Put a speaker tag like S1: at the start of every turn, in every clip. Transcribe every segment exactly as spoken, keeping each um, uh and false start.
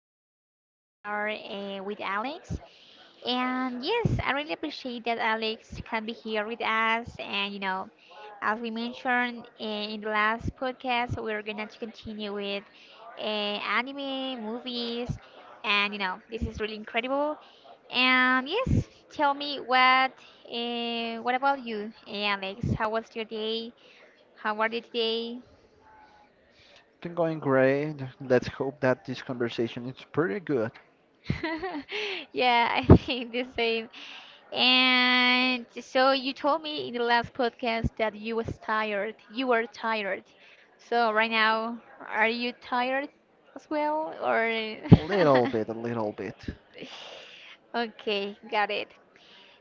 S1: podcast. We are uh, with Alex, and yes, I really appreciate that Alex can be here with us. And you know, as we mentioned uh, in the last podcast, we're gonna to continue with uh, anime, movies, and you know, this is really incredible. And yes, tell me what uh, what about you, eh, Alex? How was your day? How are you today?
S2: Been going great. Let's hope that this conversation is pretty good.
S1: Yeah, I think the same. And so you told me in the last podcast that you was tired. You were tired. So right now, are you tired as well, or?
S2: A little bit, a little bit.
S1: Okay, got it.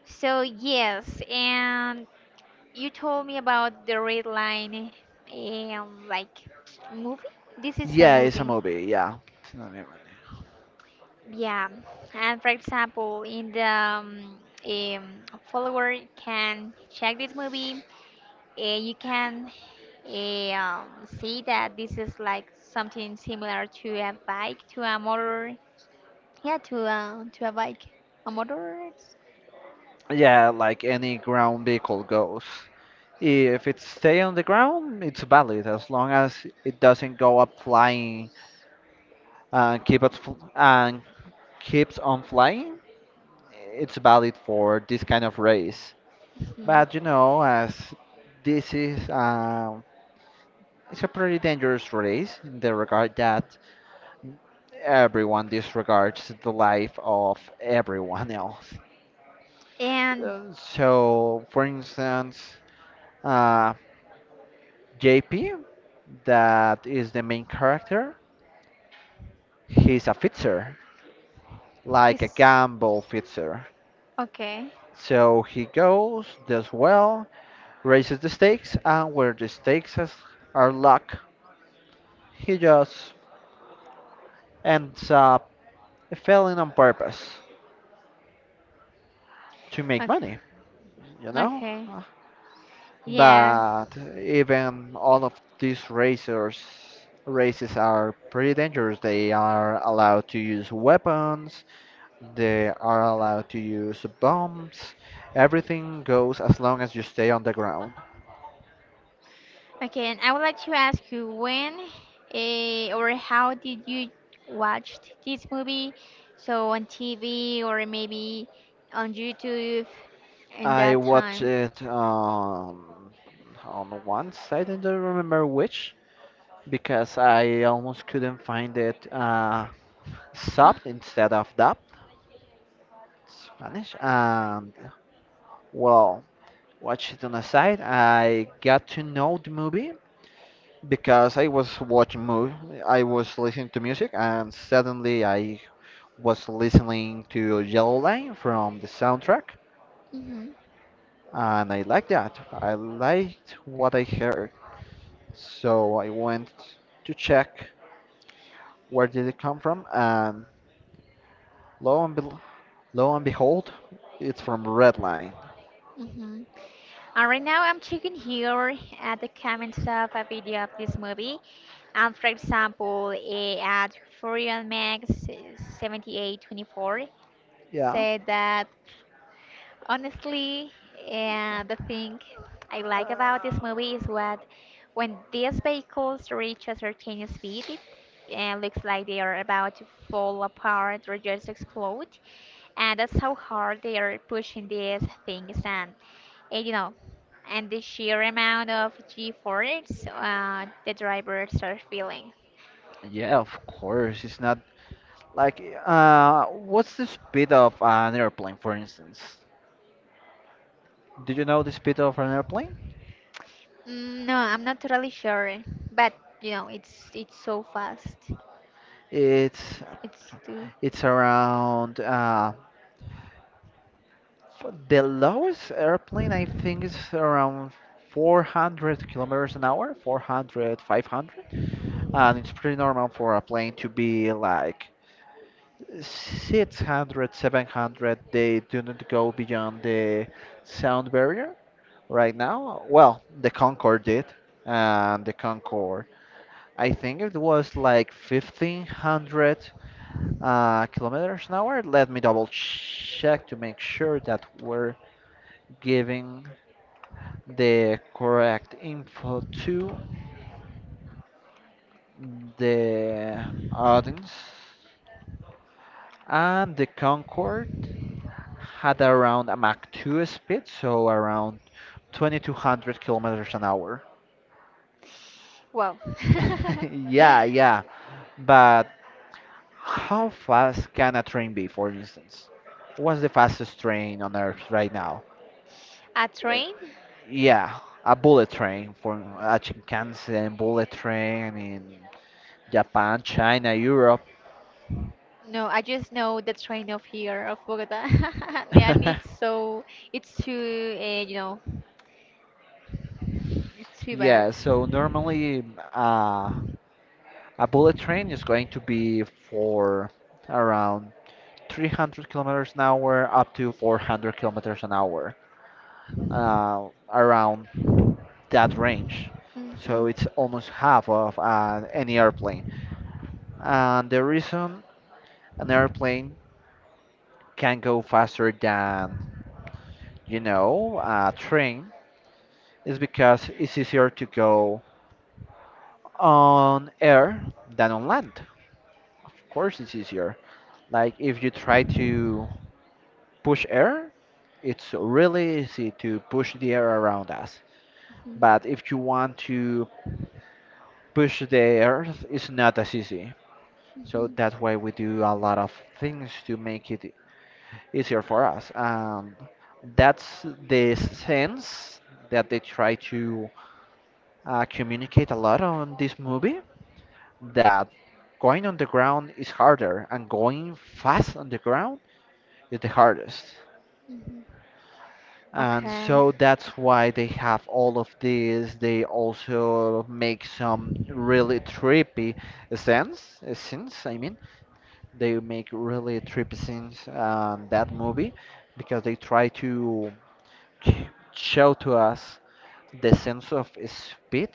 S1: So yes, and you told me about the Red Line, um, like movie. This is a
S2: Yeah, it's a
S1: movie.
S2: movie. Yeah. It's not a movie.
S1: Yeah, and for example, in the um, um, follower can check this movie, uh, you can uh, um, see that this is like something similar to a bike, to a motor, yeah, to a to a bike, a motor.
S2: Yeah, like any ground vehicle goes. If it stay on the ground, it's valid as long as it doesn't go up flying and keep it fl and keeps on flying. It's valid for this kind of race.
S1: Mhm.
S2: But you know, as this is um, it's a pretty dangerous race in the regard that everyone disregards the life of everyone else.
S1: And
S2: Uh, so, for instance, uh, J P, that is the main character, he's a fitzer, like a
S1: he's
S2: gamble fitzer.
S1: okay,
S2: So he goes, does well, raises the stakes, and where the stakes is- are luck, he just ends up failing on purpose to make
S1: okay,
S2: money, you know?
S1: okay, yes.
S2: But even all of these racers races are pretty dangerous. They are allowed to use weapons, they are allowed to use bombs. Everything goes as long as you stay on the ground.
S1: Okay, and I would like to ask you when uh, or how did you watch this movie? So on T V or maybe on YouTube in
S2: I
S1: that
S2: watched
S1: time?
S2: it um, on one site, I don't remember which, because I almost couldn't find it uh, subbed instead of dubbed Spanish. And well, watch it on the side. I got to know the movie because I was watching movie. I was listening to music, and suddenly I was listening to Yellow Line from the soundtrack,
S1: Mm-hmm.
S2: and I liked that. I liked what I heard, so I went to check where did it come from, and lo and bel lo and behold, it's from Red Line.
S1: Mm-hmm. And right now I'm checking here at the comments of a video of this movie. And for example, eh, at Furion Max seventy-eight twenty-four
S2: Yeah.
S1: said that, honestly, and the thing I like about this movie is what when these vehicles reach a certain speed, it uh, looks like they are about to fall apart or just explode, and that's how hard they are pushing these things. And, and you know, and the sheer amount of G-force uh, the drivers are feeling.
S2: Yeah, of course. It's not Like, uh, What's the speed of an airplane, for instance? Do you know the speed of an airplane?
S1: Mm, no, I'm not really sure, but you know, it's it's so fast.
S2: It's
S1: It's too.
S2: it's around uh, f- the lowest airplane I think is around four hundred kilometers an hour, four hundred, five hundred, and it's pretty normal for a plane to be like six hundred, seven hundred. They do not go beyond the sound barrier right now. Well, the Concorde did, and the Concorde. I think it was like fifteen hundred uh, kilometers an hour. Let me double check to make sure that we're giving the correct info to the audience. And the Concorde had around a Mach two speed, so around twenty-two hundred kilometers an hour.
S1: Wow.
S2: Yeah, yeah. But how fast can a train be, for instance? What's the fastest train on Earth right now?
S1: A
S2: Uh,
S1: train?
S2: Yeah, a bullet train for a Shinkansen bullet train in Japan, China, Europe.
S1: No, I just know the train of here of Bogota, and it's so it's too uh, you know, it's too bad.
S2: Yeah, so normally uh, a bullet train is going to be for around three hundred kilometers an hour up to four hundred kilometers an hour, uh, around that range. So
S1: Mhm,
S2: it's almost half of uh, any airplane. And the reason an airplane can go faster than, you know, a train is because it's easier to go on air than on land. Of course, it's easier. Like if you try to push air, it's really easy to push the air around us.
S1: mhm,
S2: But if you want to push the earth, it's not as easy So
S1: mhm,
S2: that's why we do a lot of things to make it easier for us. And that's the sense that they try to uh, communicate a lot on this movie, that going on the ground is harder and going fast on the ground is the hardest.
S1: mhm.
S2: And
S1: Okay,
S2: so that's why they have all of this. They also make some really trippy scenes, scenes, I mean, they make really trippy scenes on that movie because they try to show to us the sense of speed,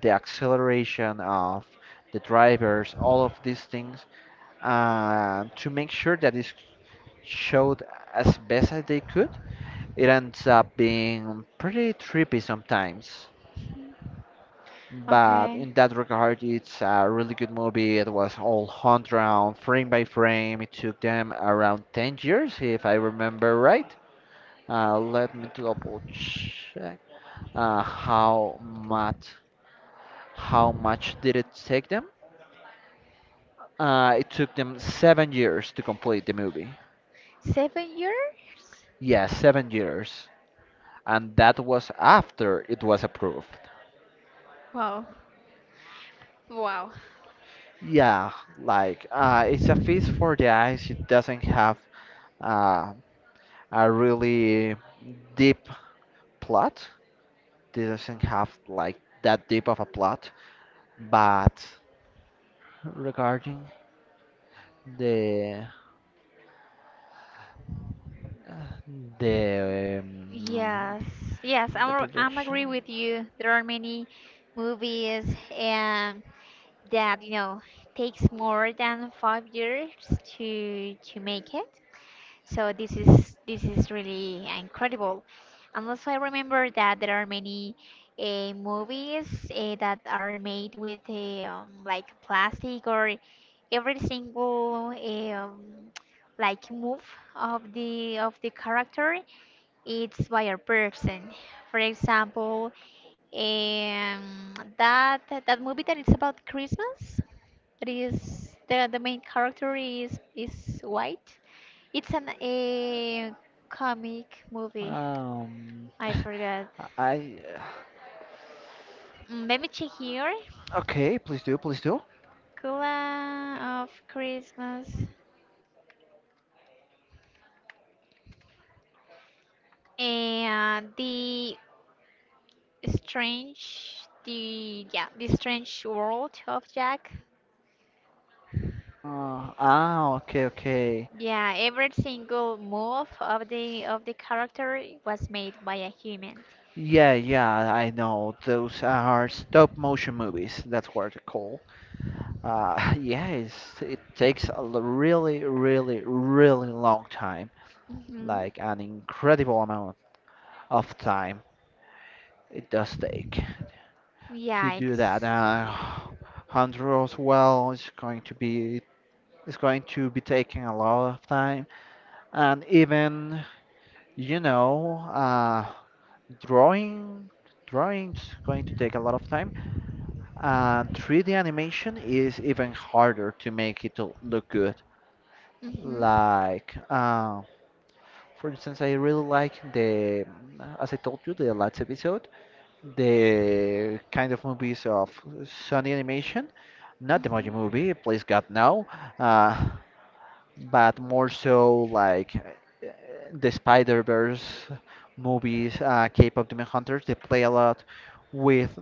S2: the acceleration of the drivers, all of these things, uh, to make sure that it's showed as best as they could. It ends up being pretty trippy sometimes. But
S1: okay.
S2: in that regard, it's a really good movie. It was all hunt round, frame by frame. It took them around ten years, if I remember right. Uh, let me double check, uh, how much how much did it take them? Uh, it took them seven years to complete the movie.
S1: Seven years?
S2: Yeah, seven years, and that was after it was approved.
S1: Wow, wow.
S2: Yeah, like uh, it's a feast for the eyes. It doesn't have uh, a really deep plot. This doesn't have like that deep of a plot, but regarding the uh, the um,
S1: Yes, yes.
S2: the
S1: I'm I'm agree
S2: production.
S1: with you. There are many movies, and that, you know, takes more than five years to to make it. So this is this is really incredible. And also I remember that there are many uh, movies uh, that are made with uh, um, like plastic, or every single eh, um, like move of the of the character, it's by a person. For example, um, that that movie that it's about Christmas, that is the the main character is is white. It's an a comic movie.
S2: Um,
S1: I forgot.
S2: I uh,
S1: Mm, let me check here.
S2: okay, please do, please do.
S1: Kula of Christmas and the strange, the, yeah, the strange world of Jack.
S2: Uh, ah, okay, okay.
S1: Yeah, every single move of the of the character was made by a human.
S2: Yeah, yeah, I know. Those are stop motion movies. That's what they're called. Uh, yeah, it's, it takes a l- really, really, really long time.
S1: Mhm.
S2: Like an incredible amount of time it does take to do
S1: Yikes.
S2: that. Uh, Hunter as well is going to be is going to be taking a lot of time, and even you know, uh, drawing drawing's going to take a lot of time, and three D animation is even harder to make it l- look good.
S1: Mhm.
S2: Like uh, for instance, I really like the as I told you the last episode, the kind of movies of Sony animation, not the Moji
S1: Mhm.
S2: movie, please god, no. uh, but more so like uh, the spider verse movies, uh, cape of demon hunters. They play a lot with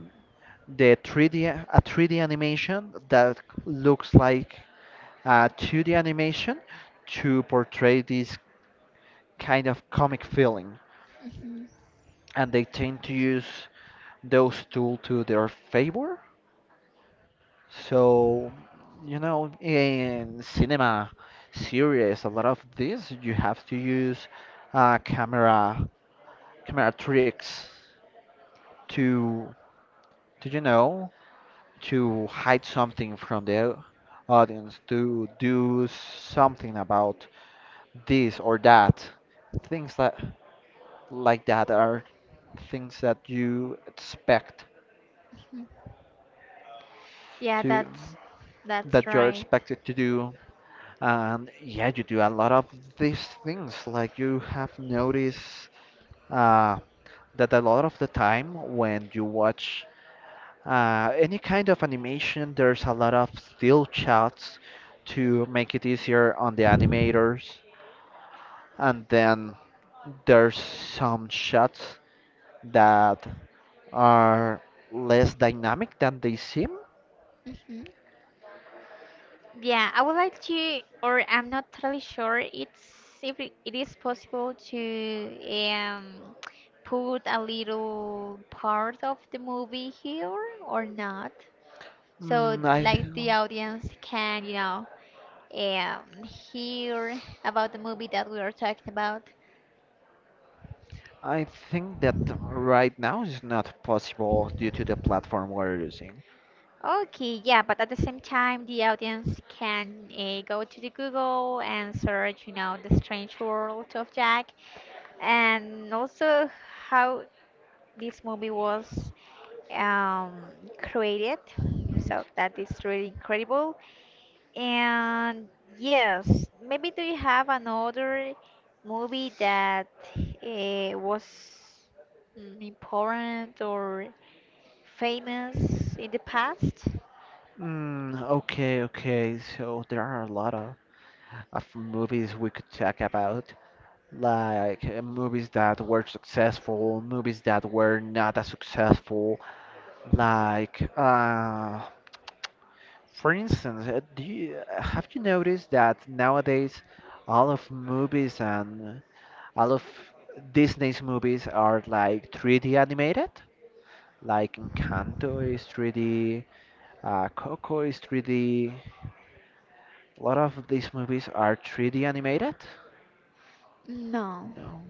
S2: the three D, a three D animation that looks like a two D animation to portray this kind of comic feeling, and they tend to use those tools to their favor. So, you know, in cinema series, a lot of this you have to use uh, camera camera tricks to to you know to hide something from the audience, to do something about this or that. Things that like that are things that you expect
S1: Mhm. Yeah,
S2: to
S1: that's that's
S2: that you're
S1: right.
S2: expected to do. And yeah, you do a lot of these things. Like you have noticed uh, that a lot of the time when you watch uh, any kind of animation, there's a lot of still shots to make it easier on the animators. And then there's some shots that are less dynamic than they seem.
S1: hmm Yeah, I would like to, or I'm not totally sure. It's if it it is possible to um put a little part of the movie here or not, so
S2: Mm, I
S1: like the audience can, you know, um hear about the movie that we are talking about.
S2: I think that right now is not possible due to the platform we're using.
S1: Okay, yeah, but at the same time, the audience can uh, go to the Google and search, you know, the strange world of Jack, and also how this movie was um, created. So that is really incredible. And yes, maybe do you have another movie that uh, was mm, important or famous in the past?
S2: Mm, okay, okay. So there are a lot of, of movies we could talk about, like uh, movies that were successful, movies that were not as successful. Like, uh, for instance, uh, do you, uh, have you noticed that nowadays all of movies and all of Disney's movies are like three D animated? Like Encanto is three D, uh, Coco is three D. A lot of these movies are three D animated.
S1: No,
S2: No,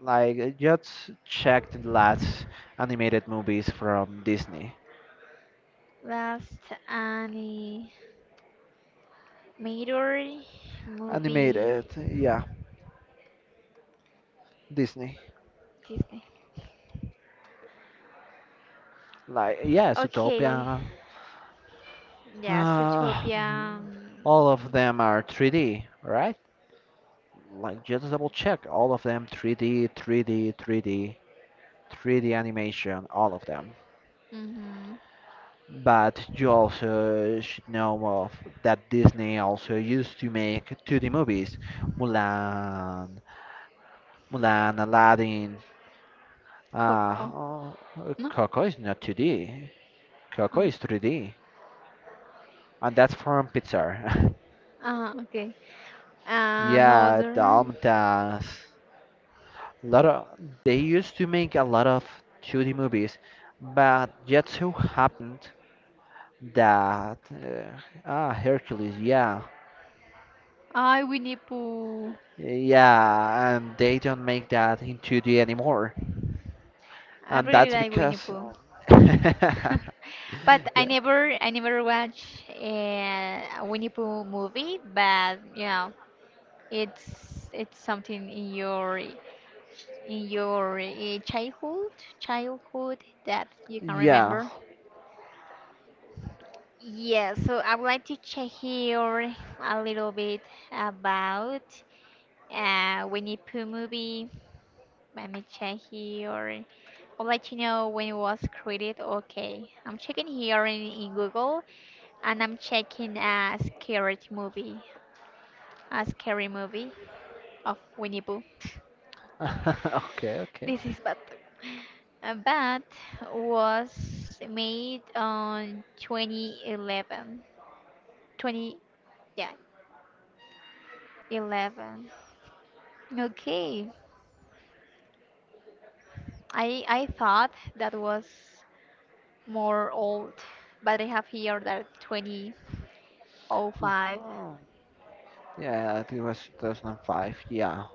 S2: like I just checked the last animated movies from Disney.
S1: last animator movie
S2: Animated, yeah, Disney.
S1: Disney.
S2: Like yeah,
S1: Okay.
S2: Zootopia.
S1: Yes,
S2: Uh,
S1: Utopia.
S2: all of them are three D, right? Like just double check. All of them three D, three D, three D, three D animation. All of them.
S1: Mm-hmm.
S2: But you also should know of that Disney also used to make two D movies. Mulan, Mulan, Aladdin. Uh,
S1: Coco.
S2: oh,
S1: No?
S2: Coco is not two D. Coco
S1: Mm.
S2: is three D, and that's from Pixar.
S1: Ah, okay.
S2: Yeah,
S1: Another.
S2: the Almata's. Lot of they used to make a lot of two D movies, but yet so happened that uh, ah Hercules, yeah,
S1: I Winnie Pooh.
S2: yeah, and they don't make that in two D anymore,
S1: I
S2: and
S1: really
S2: that's
S1: like Winnie
S2: because
S1: Pooh. But I
S2: yeah,
S1: never, I never watch a Winnie Pooh movie, but you know, it's it's something in your in your uh, childhood, childhood that you can
S2: yeah.
S1: remember? Yeah, so I would like to check here a little bit about uh, Winnie Pooh movie. Let me check here. I'd like to know when it was created. Okay, I'm checking here in, in Google, and I'm checking a scary movie, a scary movie of Winnie Pooh.
S2: Okay, okay.
S1: This is bad. Uh, Bat was made on twenty eleven. twenty, yeah, eleven. Okay, I I thought that was more old, but I have here that twenty oh five.
S2: Oh, yeah, I think it was two thousand five. Yeah.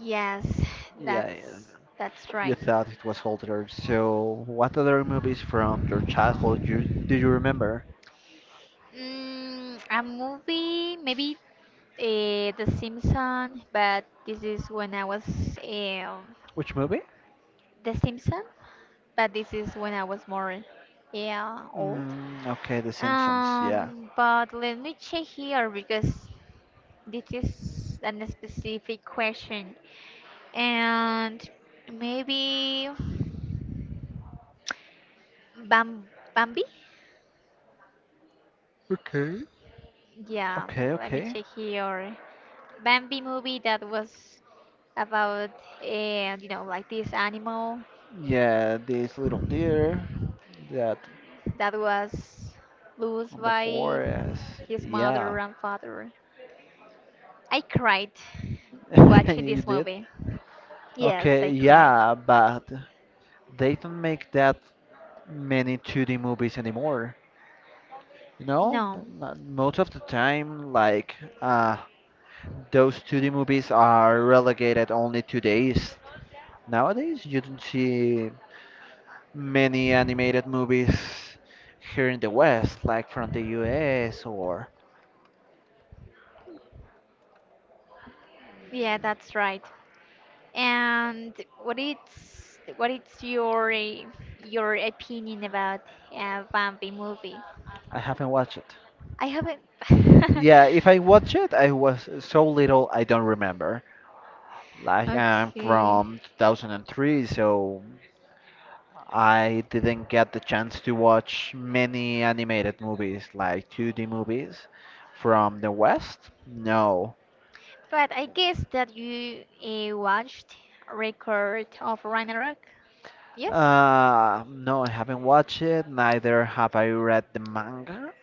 S1: Yes,
S2: Yeah, yeah.
S1: that's that's
S2: You
S1: right.
S2: thought it was older. So, what other movies from your childhood you, do you remember?
S1: Mm, a movie, maybe uh, The Simpsons, but this is when I was eh, um,
S2: Which movie?
S1: The Simpsons. But this is when I was more, yeah, old.
S2: Mm, okay, The Simpsons. Yeah.
S1: Um, but let me check here because this is a specific question, and maybe Bam Bambi.
S2: Okay.
S1: Yeah,
S2: Okay,
S1: let me
S2: okay.
S1: check here. Bambi movie that was about, and you know, like this animal
S2: Yeah, this little deer that
S1: that was lost
S2: on the
S1: by
S2: forest.
S1: his
S2: Yeah,
S1: mother and father. I cried watching
S2: you
S1: this
S2: did.
S1: movie. Yes, I
S2: Okay,
S1: cried.
S2: yeah, but they don't make that many two D movies anymore. No,
S1: No.
S2: mo- most of the time, like uh, those two D movies are relegated only to the East. Nowadays, you don't see many animated movies here in the West, like from the U S, or
S1: Yeah, that's right. And what it's what it's your eh, your opinion about uh, Bambi movie?
S2: I haven't watched it.
S1: I haven't.
S2: Yeah, if I watch it, I was so little I don't remember. Like I'm
S1: Okay.
S2: from two thousand three, so I didn't get the chance to watch many animated movies, like two D movies from the West. No.
S1: But I guess that you uh, watched Record of Ragnarok. Yes.
S2: Uh, no, I haven't watched it, neither have I read the manga.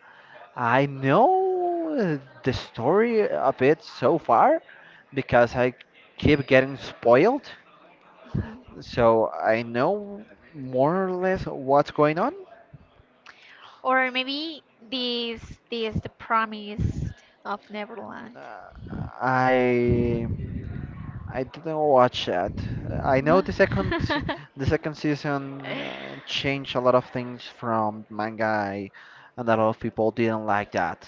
S2: I know the story of it so far because I keep getting spoiled,
S1: Mhm.
S2: so I know more or less what's going on.
S1: Or maybe this this the promise of Neverland.
S2: Uh, I I didn't watch that. I know
S1: No.
S2: the second the second season uh, changed a lot of things from manga, I- and a lot of people didn't like that.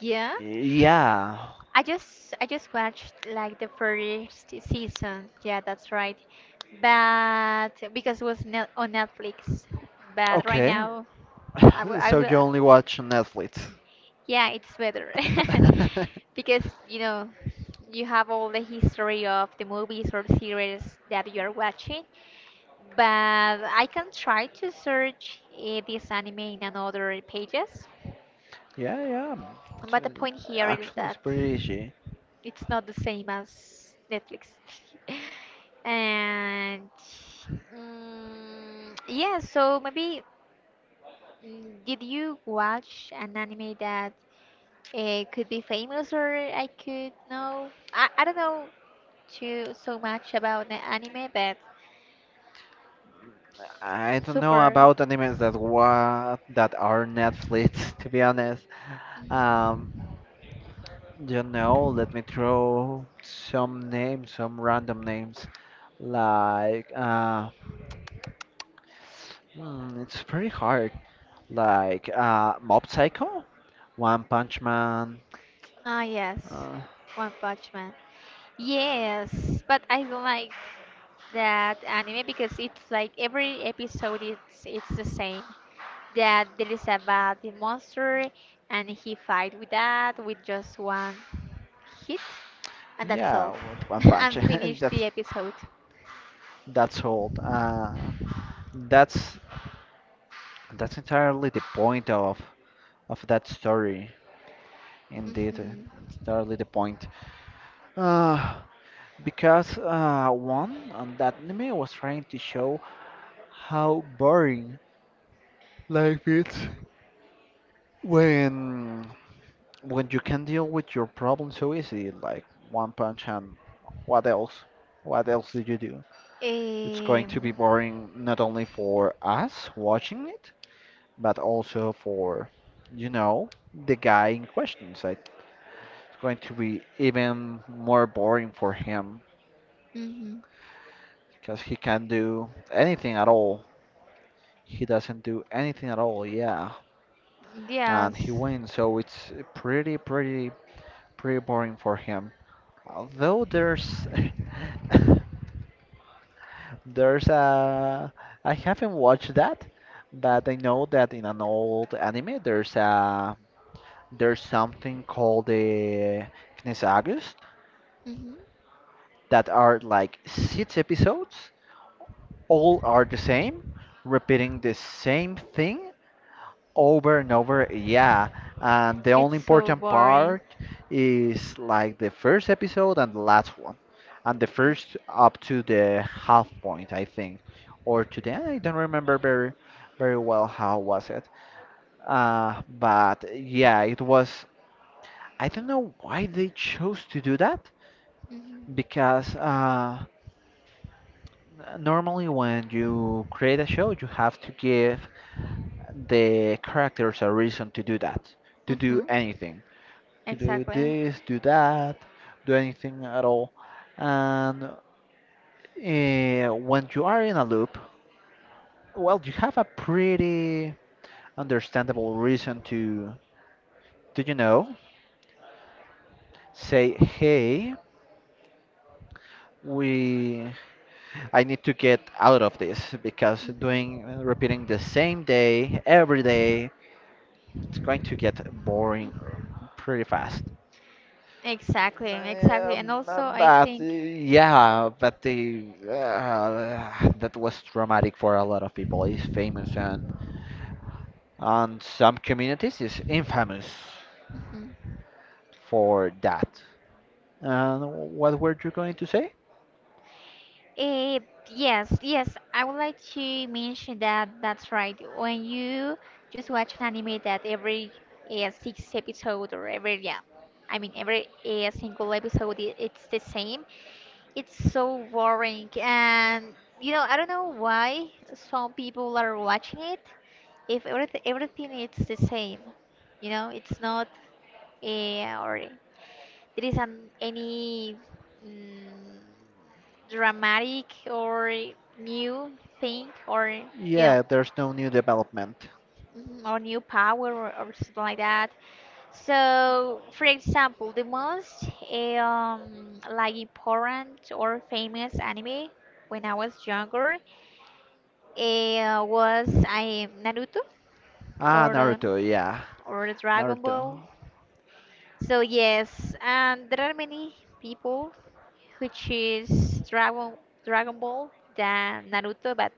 S1: Yeah.
S2: Yeah.
S1: I just I just watched like the first season. Yeah, that's right. But because it was net on Netflix. But right
S2: Okay.
S1: now I will I
S2: So
S1: will
S2: you only watch Netflix.
S1: Yeah, it's better. Because, you know, you have all the history of the movies or series that you are watching, but I can try to search uh, this anime in another pages.
S2: Yeah, yeah. It's,
S1: But the
S2: uh,
S1: point here is
S2: actually, it's
S1: that
S2: pretty easy.
S1: it's not the same as Netflix. And mm, yeah, so maybe mm, did you watch an anime that it could be famous, or I could know. I, I don't know too so much about the anime, but
S2: I don't know
S1: super.
S2: about animes that wa that are Netflix, to be honest. Um, don't know, let me throw some names, some random names. Like, uh, hmm, it's pretty hard. Like, uh, Mob Psycho, One Punch Man.
S1: Ah, yes,
S2: Uh,
S1: One Punch Man. Yes, but I don't like that anime because it's like every episode it's it's the same. That there is a bad monster and he fight with that with just one hit, and that's
S2: yeah,
S1: all.
S2: with One Punch.
S1: And finish
S2: that's
S1: the episode.
S2: that's old. Uh, that's that's entirely the point of of that story. Indeed, uh,
S1: Hmm
S2: it's entirely the point. Uh, because uh, one, um, that anime was trying to show how boring life is. When when you can deal with your problem so easy, like one punch and what else? What else did you do? It's going to be
S1: Um.
S2: boring not only for us watching it, but also for, you know, the guy in question. So it's going to be even more boring for him
S1: hmm
S2: because he can't do anything at all. He doesn't do anything at all, yeah. And he
S1: Yes.
S2: wins, so it's pretty, pretty, pretty boring for him. Although there's there's a I haven't watched that, but I know that in an old anime there's a there's something called the Kines August
S1: hmm
S2: that are like six episodes, all are the same, repeating the same thing, over and over. Yeah, and the only
S1: It's so
S2: important
S1: boring.
S2: part is like the first episode and the last one, and the first up to the half point, I think, or to the I don't remember very very well how was it. Uh, but yeah, it was. I don't know why they chose to do that
S1: Mm-hmm.
S2: because uh, n- normally when you create a show, you have to give the characters a reason to do that, to do
S1: Mm-hmm.
S2: anything. To do
S1: Exactly.
S2: this, do that, do anything at all. And uh, when you are in a loop, well, you have a pretty understandable reason to, do you know, say, hey, we, I need to get out of this because
S1: hmm
S2: doing, repeating the same day every day, it's going to get boring pretty fast.
S1: Exactly. Exactly. And
S2: Um,
S1: also,
S2: uh,
S1: I
S2: but uh,
S1: think.
S2: yeah, but the uh, that was traumatic for a lot of people. It's famous and and some communities is infamous
S1: Mhm.
S2: for that. And what were you going to say?
S1: Eh, yes, yes. I would like to mention that that's right. When you just watch an anime that every uh, six episode or every, yeah, I mean every uh, single episode i- it's the same. It's so boring, and you know, I don't know why some people are watching it. If everything everything it's the same, you know it's not uh, or there is an, any mm, dramatic or new thing, or you know,
S2: Yeah, there's no new development.
S1: mhm, or new power, or, or something like that. So for example, the most eh, um, like important or famous anime when I was younger eh, was I Naruto
S2: Ah,
S1: or uh,
S2: Naruto, yeah,
S1: or Dragon Ball.
S2: Naruto.
S1: So yes, and there are many people which is Dragon Dragon Ball than Naruto, but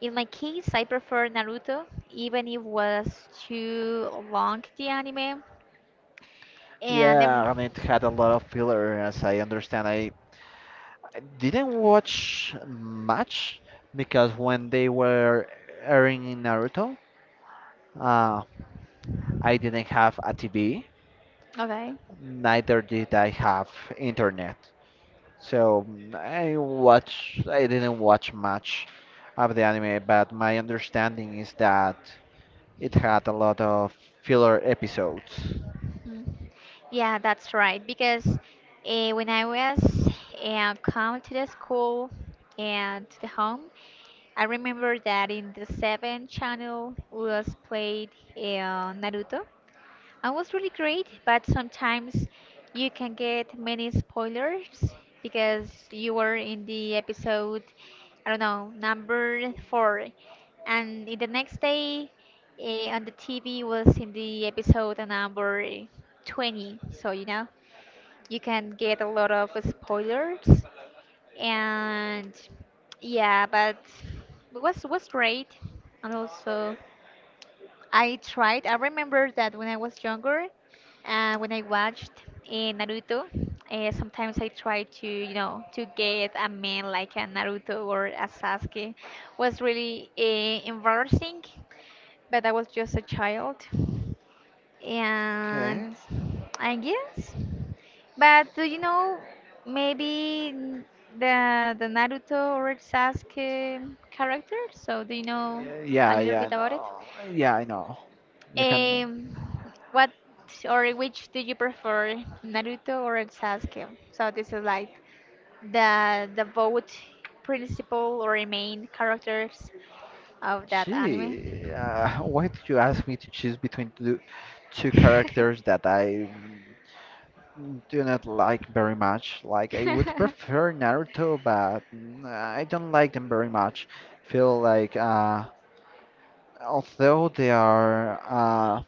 S1: in my case, I prefer Naruto, even if was too long the anime. And ev-
S2: Yeah, and it had a lot of filler, as I understand. I, I didn't watch much because when they were airing in Naruto. Uh, I didn't have a T V,
S1: okay,
S2: neither did I have internet. So I watch, I didn't watch much of the anime, but my understanding is that it had a lot of filler episodes.
S1: mm. Yeah, that's right. Because uh, when I was uh, come to the school and to the home, I remember that in the seventh channel was played uh, Naruto. I was really great, but sometimes you can get many spoilers because you were in the episode, I don't know, number four, and in the next day uh, on the T V was in the episode number twenty. So, you know, you can get a lot of spoilers, and yeah, but it was was great, and also. I tried. I remember that when I was younger, uh, when I watched uh, Naruto, uh, sometimes I tried to, you know, to get a man like a Naruto or a Sasuke. Was really uh, embarrassing, but I was just a child, and
S2: Okay.
S1: I guess. But do you know, maybe n- the the Naruto or Sasuke character. So do you know a
S2: Yeah,
S1: little
S2: yeah, I
S1: bit about it?
S2: know. Yeah, I know. You can.
S1: Um, what or which do you prefer, Naruto or Sasuke? So this is like the the both principal or main characters of that anime.
S2: Gee, uh, why did you ask me to choose between two, two characters that I Mm, do not like very much. Like I would prefer Naruto, but mm, I don't like them very much. Feel like uh, although they are uh,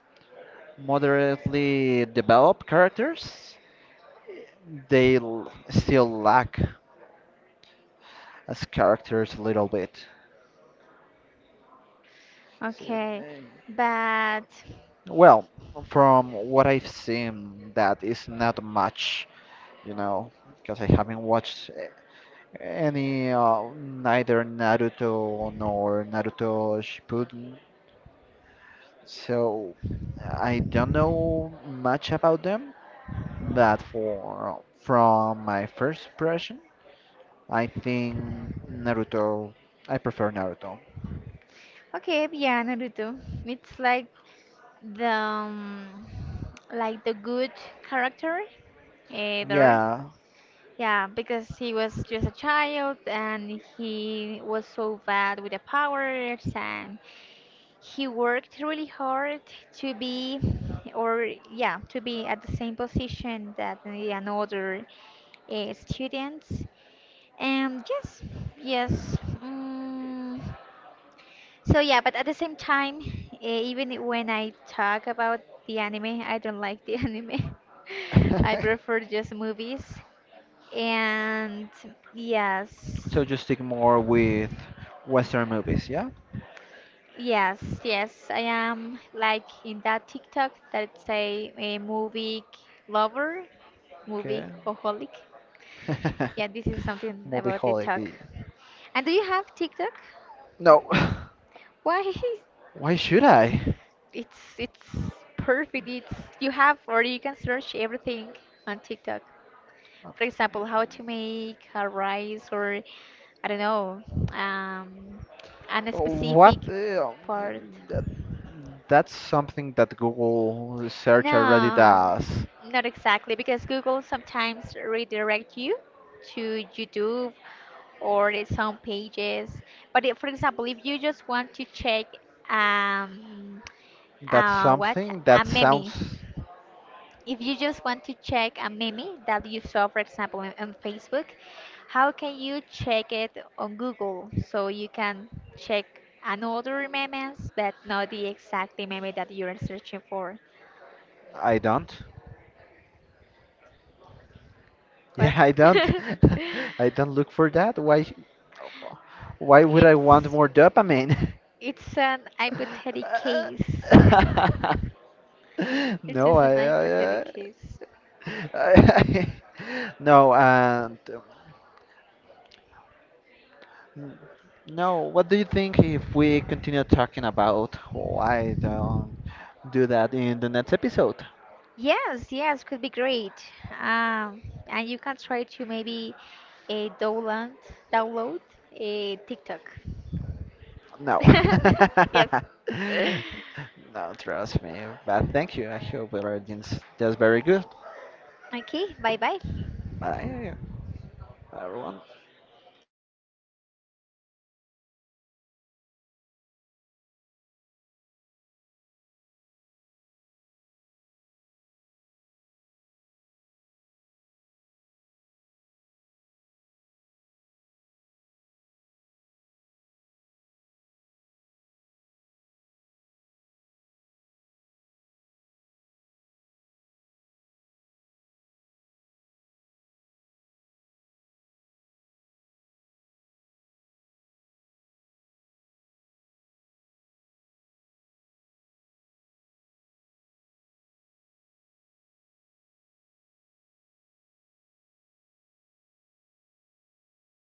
S2: moderately developed characters, they l- still lack as characters a little bit. So,
S1: Okay,
S2: eh,
S1: but
S2: well, from what I've seen, that is not much, you know, because I haven't watched eh, any uh, neither Naruto nor Naruto Shippuden, so I don't know much about them. But for from my first impression, I think Naruto. I prefer Naruto.
S1: okay, yeah, Naruto. It's like the um, like the good character eh, there.
S2: Yeah.
S1: Yeah, because he was just a child and he was so bad with the powers, and he worked really hard to be, or yeah, to be at the same position that the another uh, students. And yes, yes. Mm. So yeah, but at the same time, uh, even when I talk about the anime, I don't like the anime. I prefer just movies, and yes,
S2: So you stick more with Western movies, yeah?
S1: yes, yes, I am like in that TikTok that say a movie lover, movie
S2: Okay.
S1: holic. Yeah, this is something about
S2: Movieholic.
S1: TikTok.
S2: Yeah.
S1: And do you have TikTok?
S2: No.
S1: Why?
S2: Why should I?
S1: It's it's perfect. It's you have or you can search everything on TikTok. For example, how to make a rice, or I don't know, um, a
S2: What
S1: specific
S2: the,
S1: part.
S2: that, that's something that Google search already
S1: No,
S2: does.
S1: not exactly, because Google sometimes redirect you to YouTube or its own pages. But if, for example, if you just want to check um,
S2: That's
S1: uh, what
S2: something that
S1: a
S2: sounds
S1: meme, if you just want to check a meme that you saw, for example, in, on Facebook, how can you check it on Google? So you can check another memes, but not the exact meme that you are searching for.
S2: I don't.
S1: But
S2: Yeah, I don't. I don't look for that. Why sh- why would I want
S1: it's
S2: more dopamine?
S1: it's an hypothetical case. It's
S2: No,
S1: just an hypothetical
S2: I, I,
S1: case.
S2: I, I no, and N- no, what do you think if we continue talking about why don't do that in the next episode?
S1: Yes, yes, could be great. Um, and you can try to maybe uh, download download a TikTok.
S2: No.
S1: Yes.
S2: No, trust me. But thank you. I hope everything's just very good.
S1: Okay, bye bye.
S2: Bye, everyone.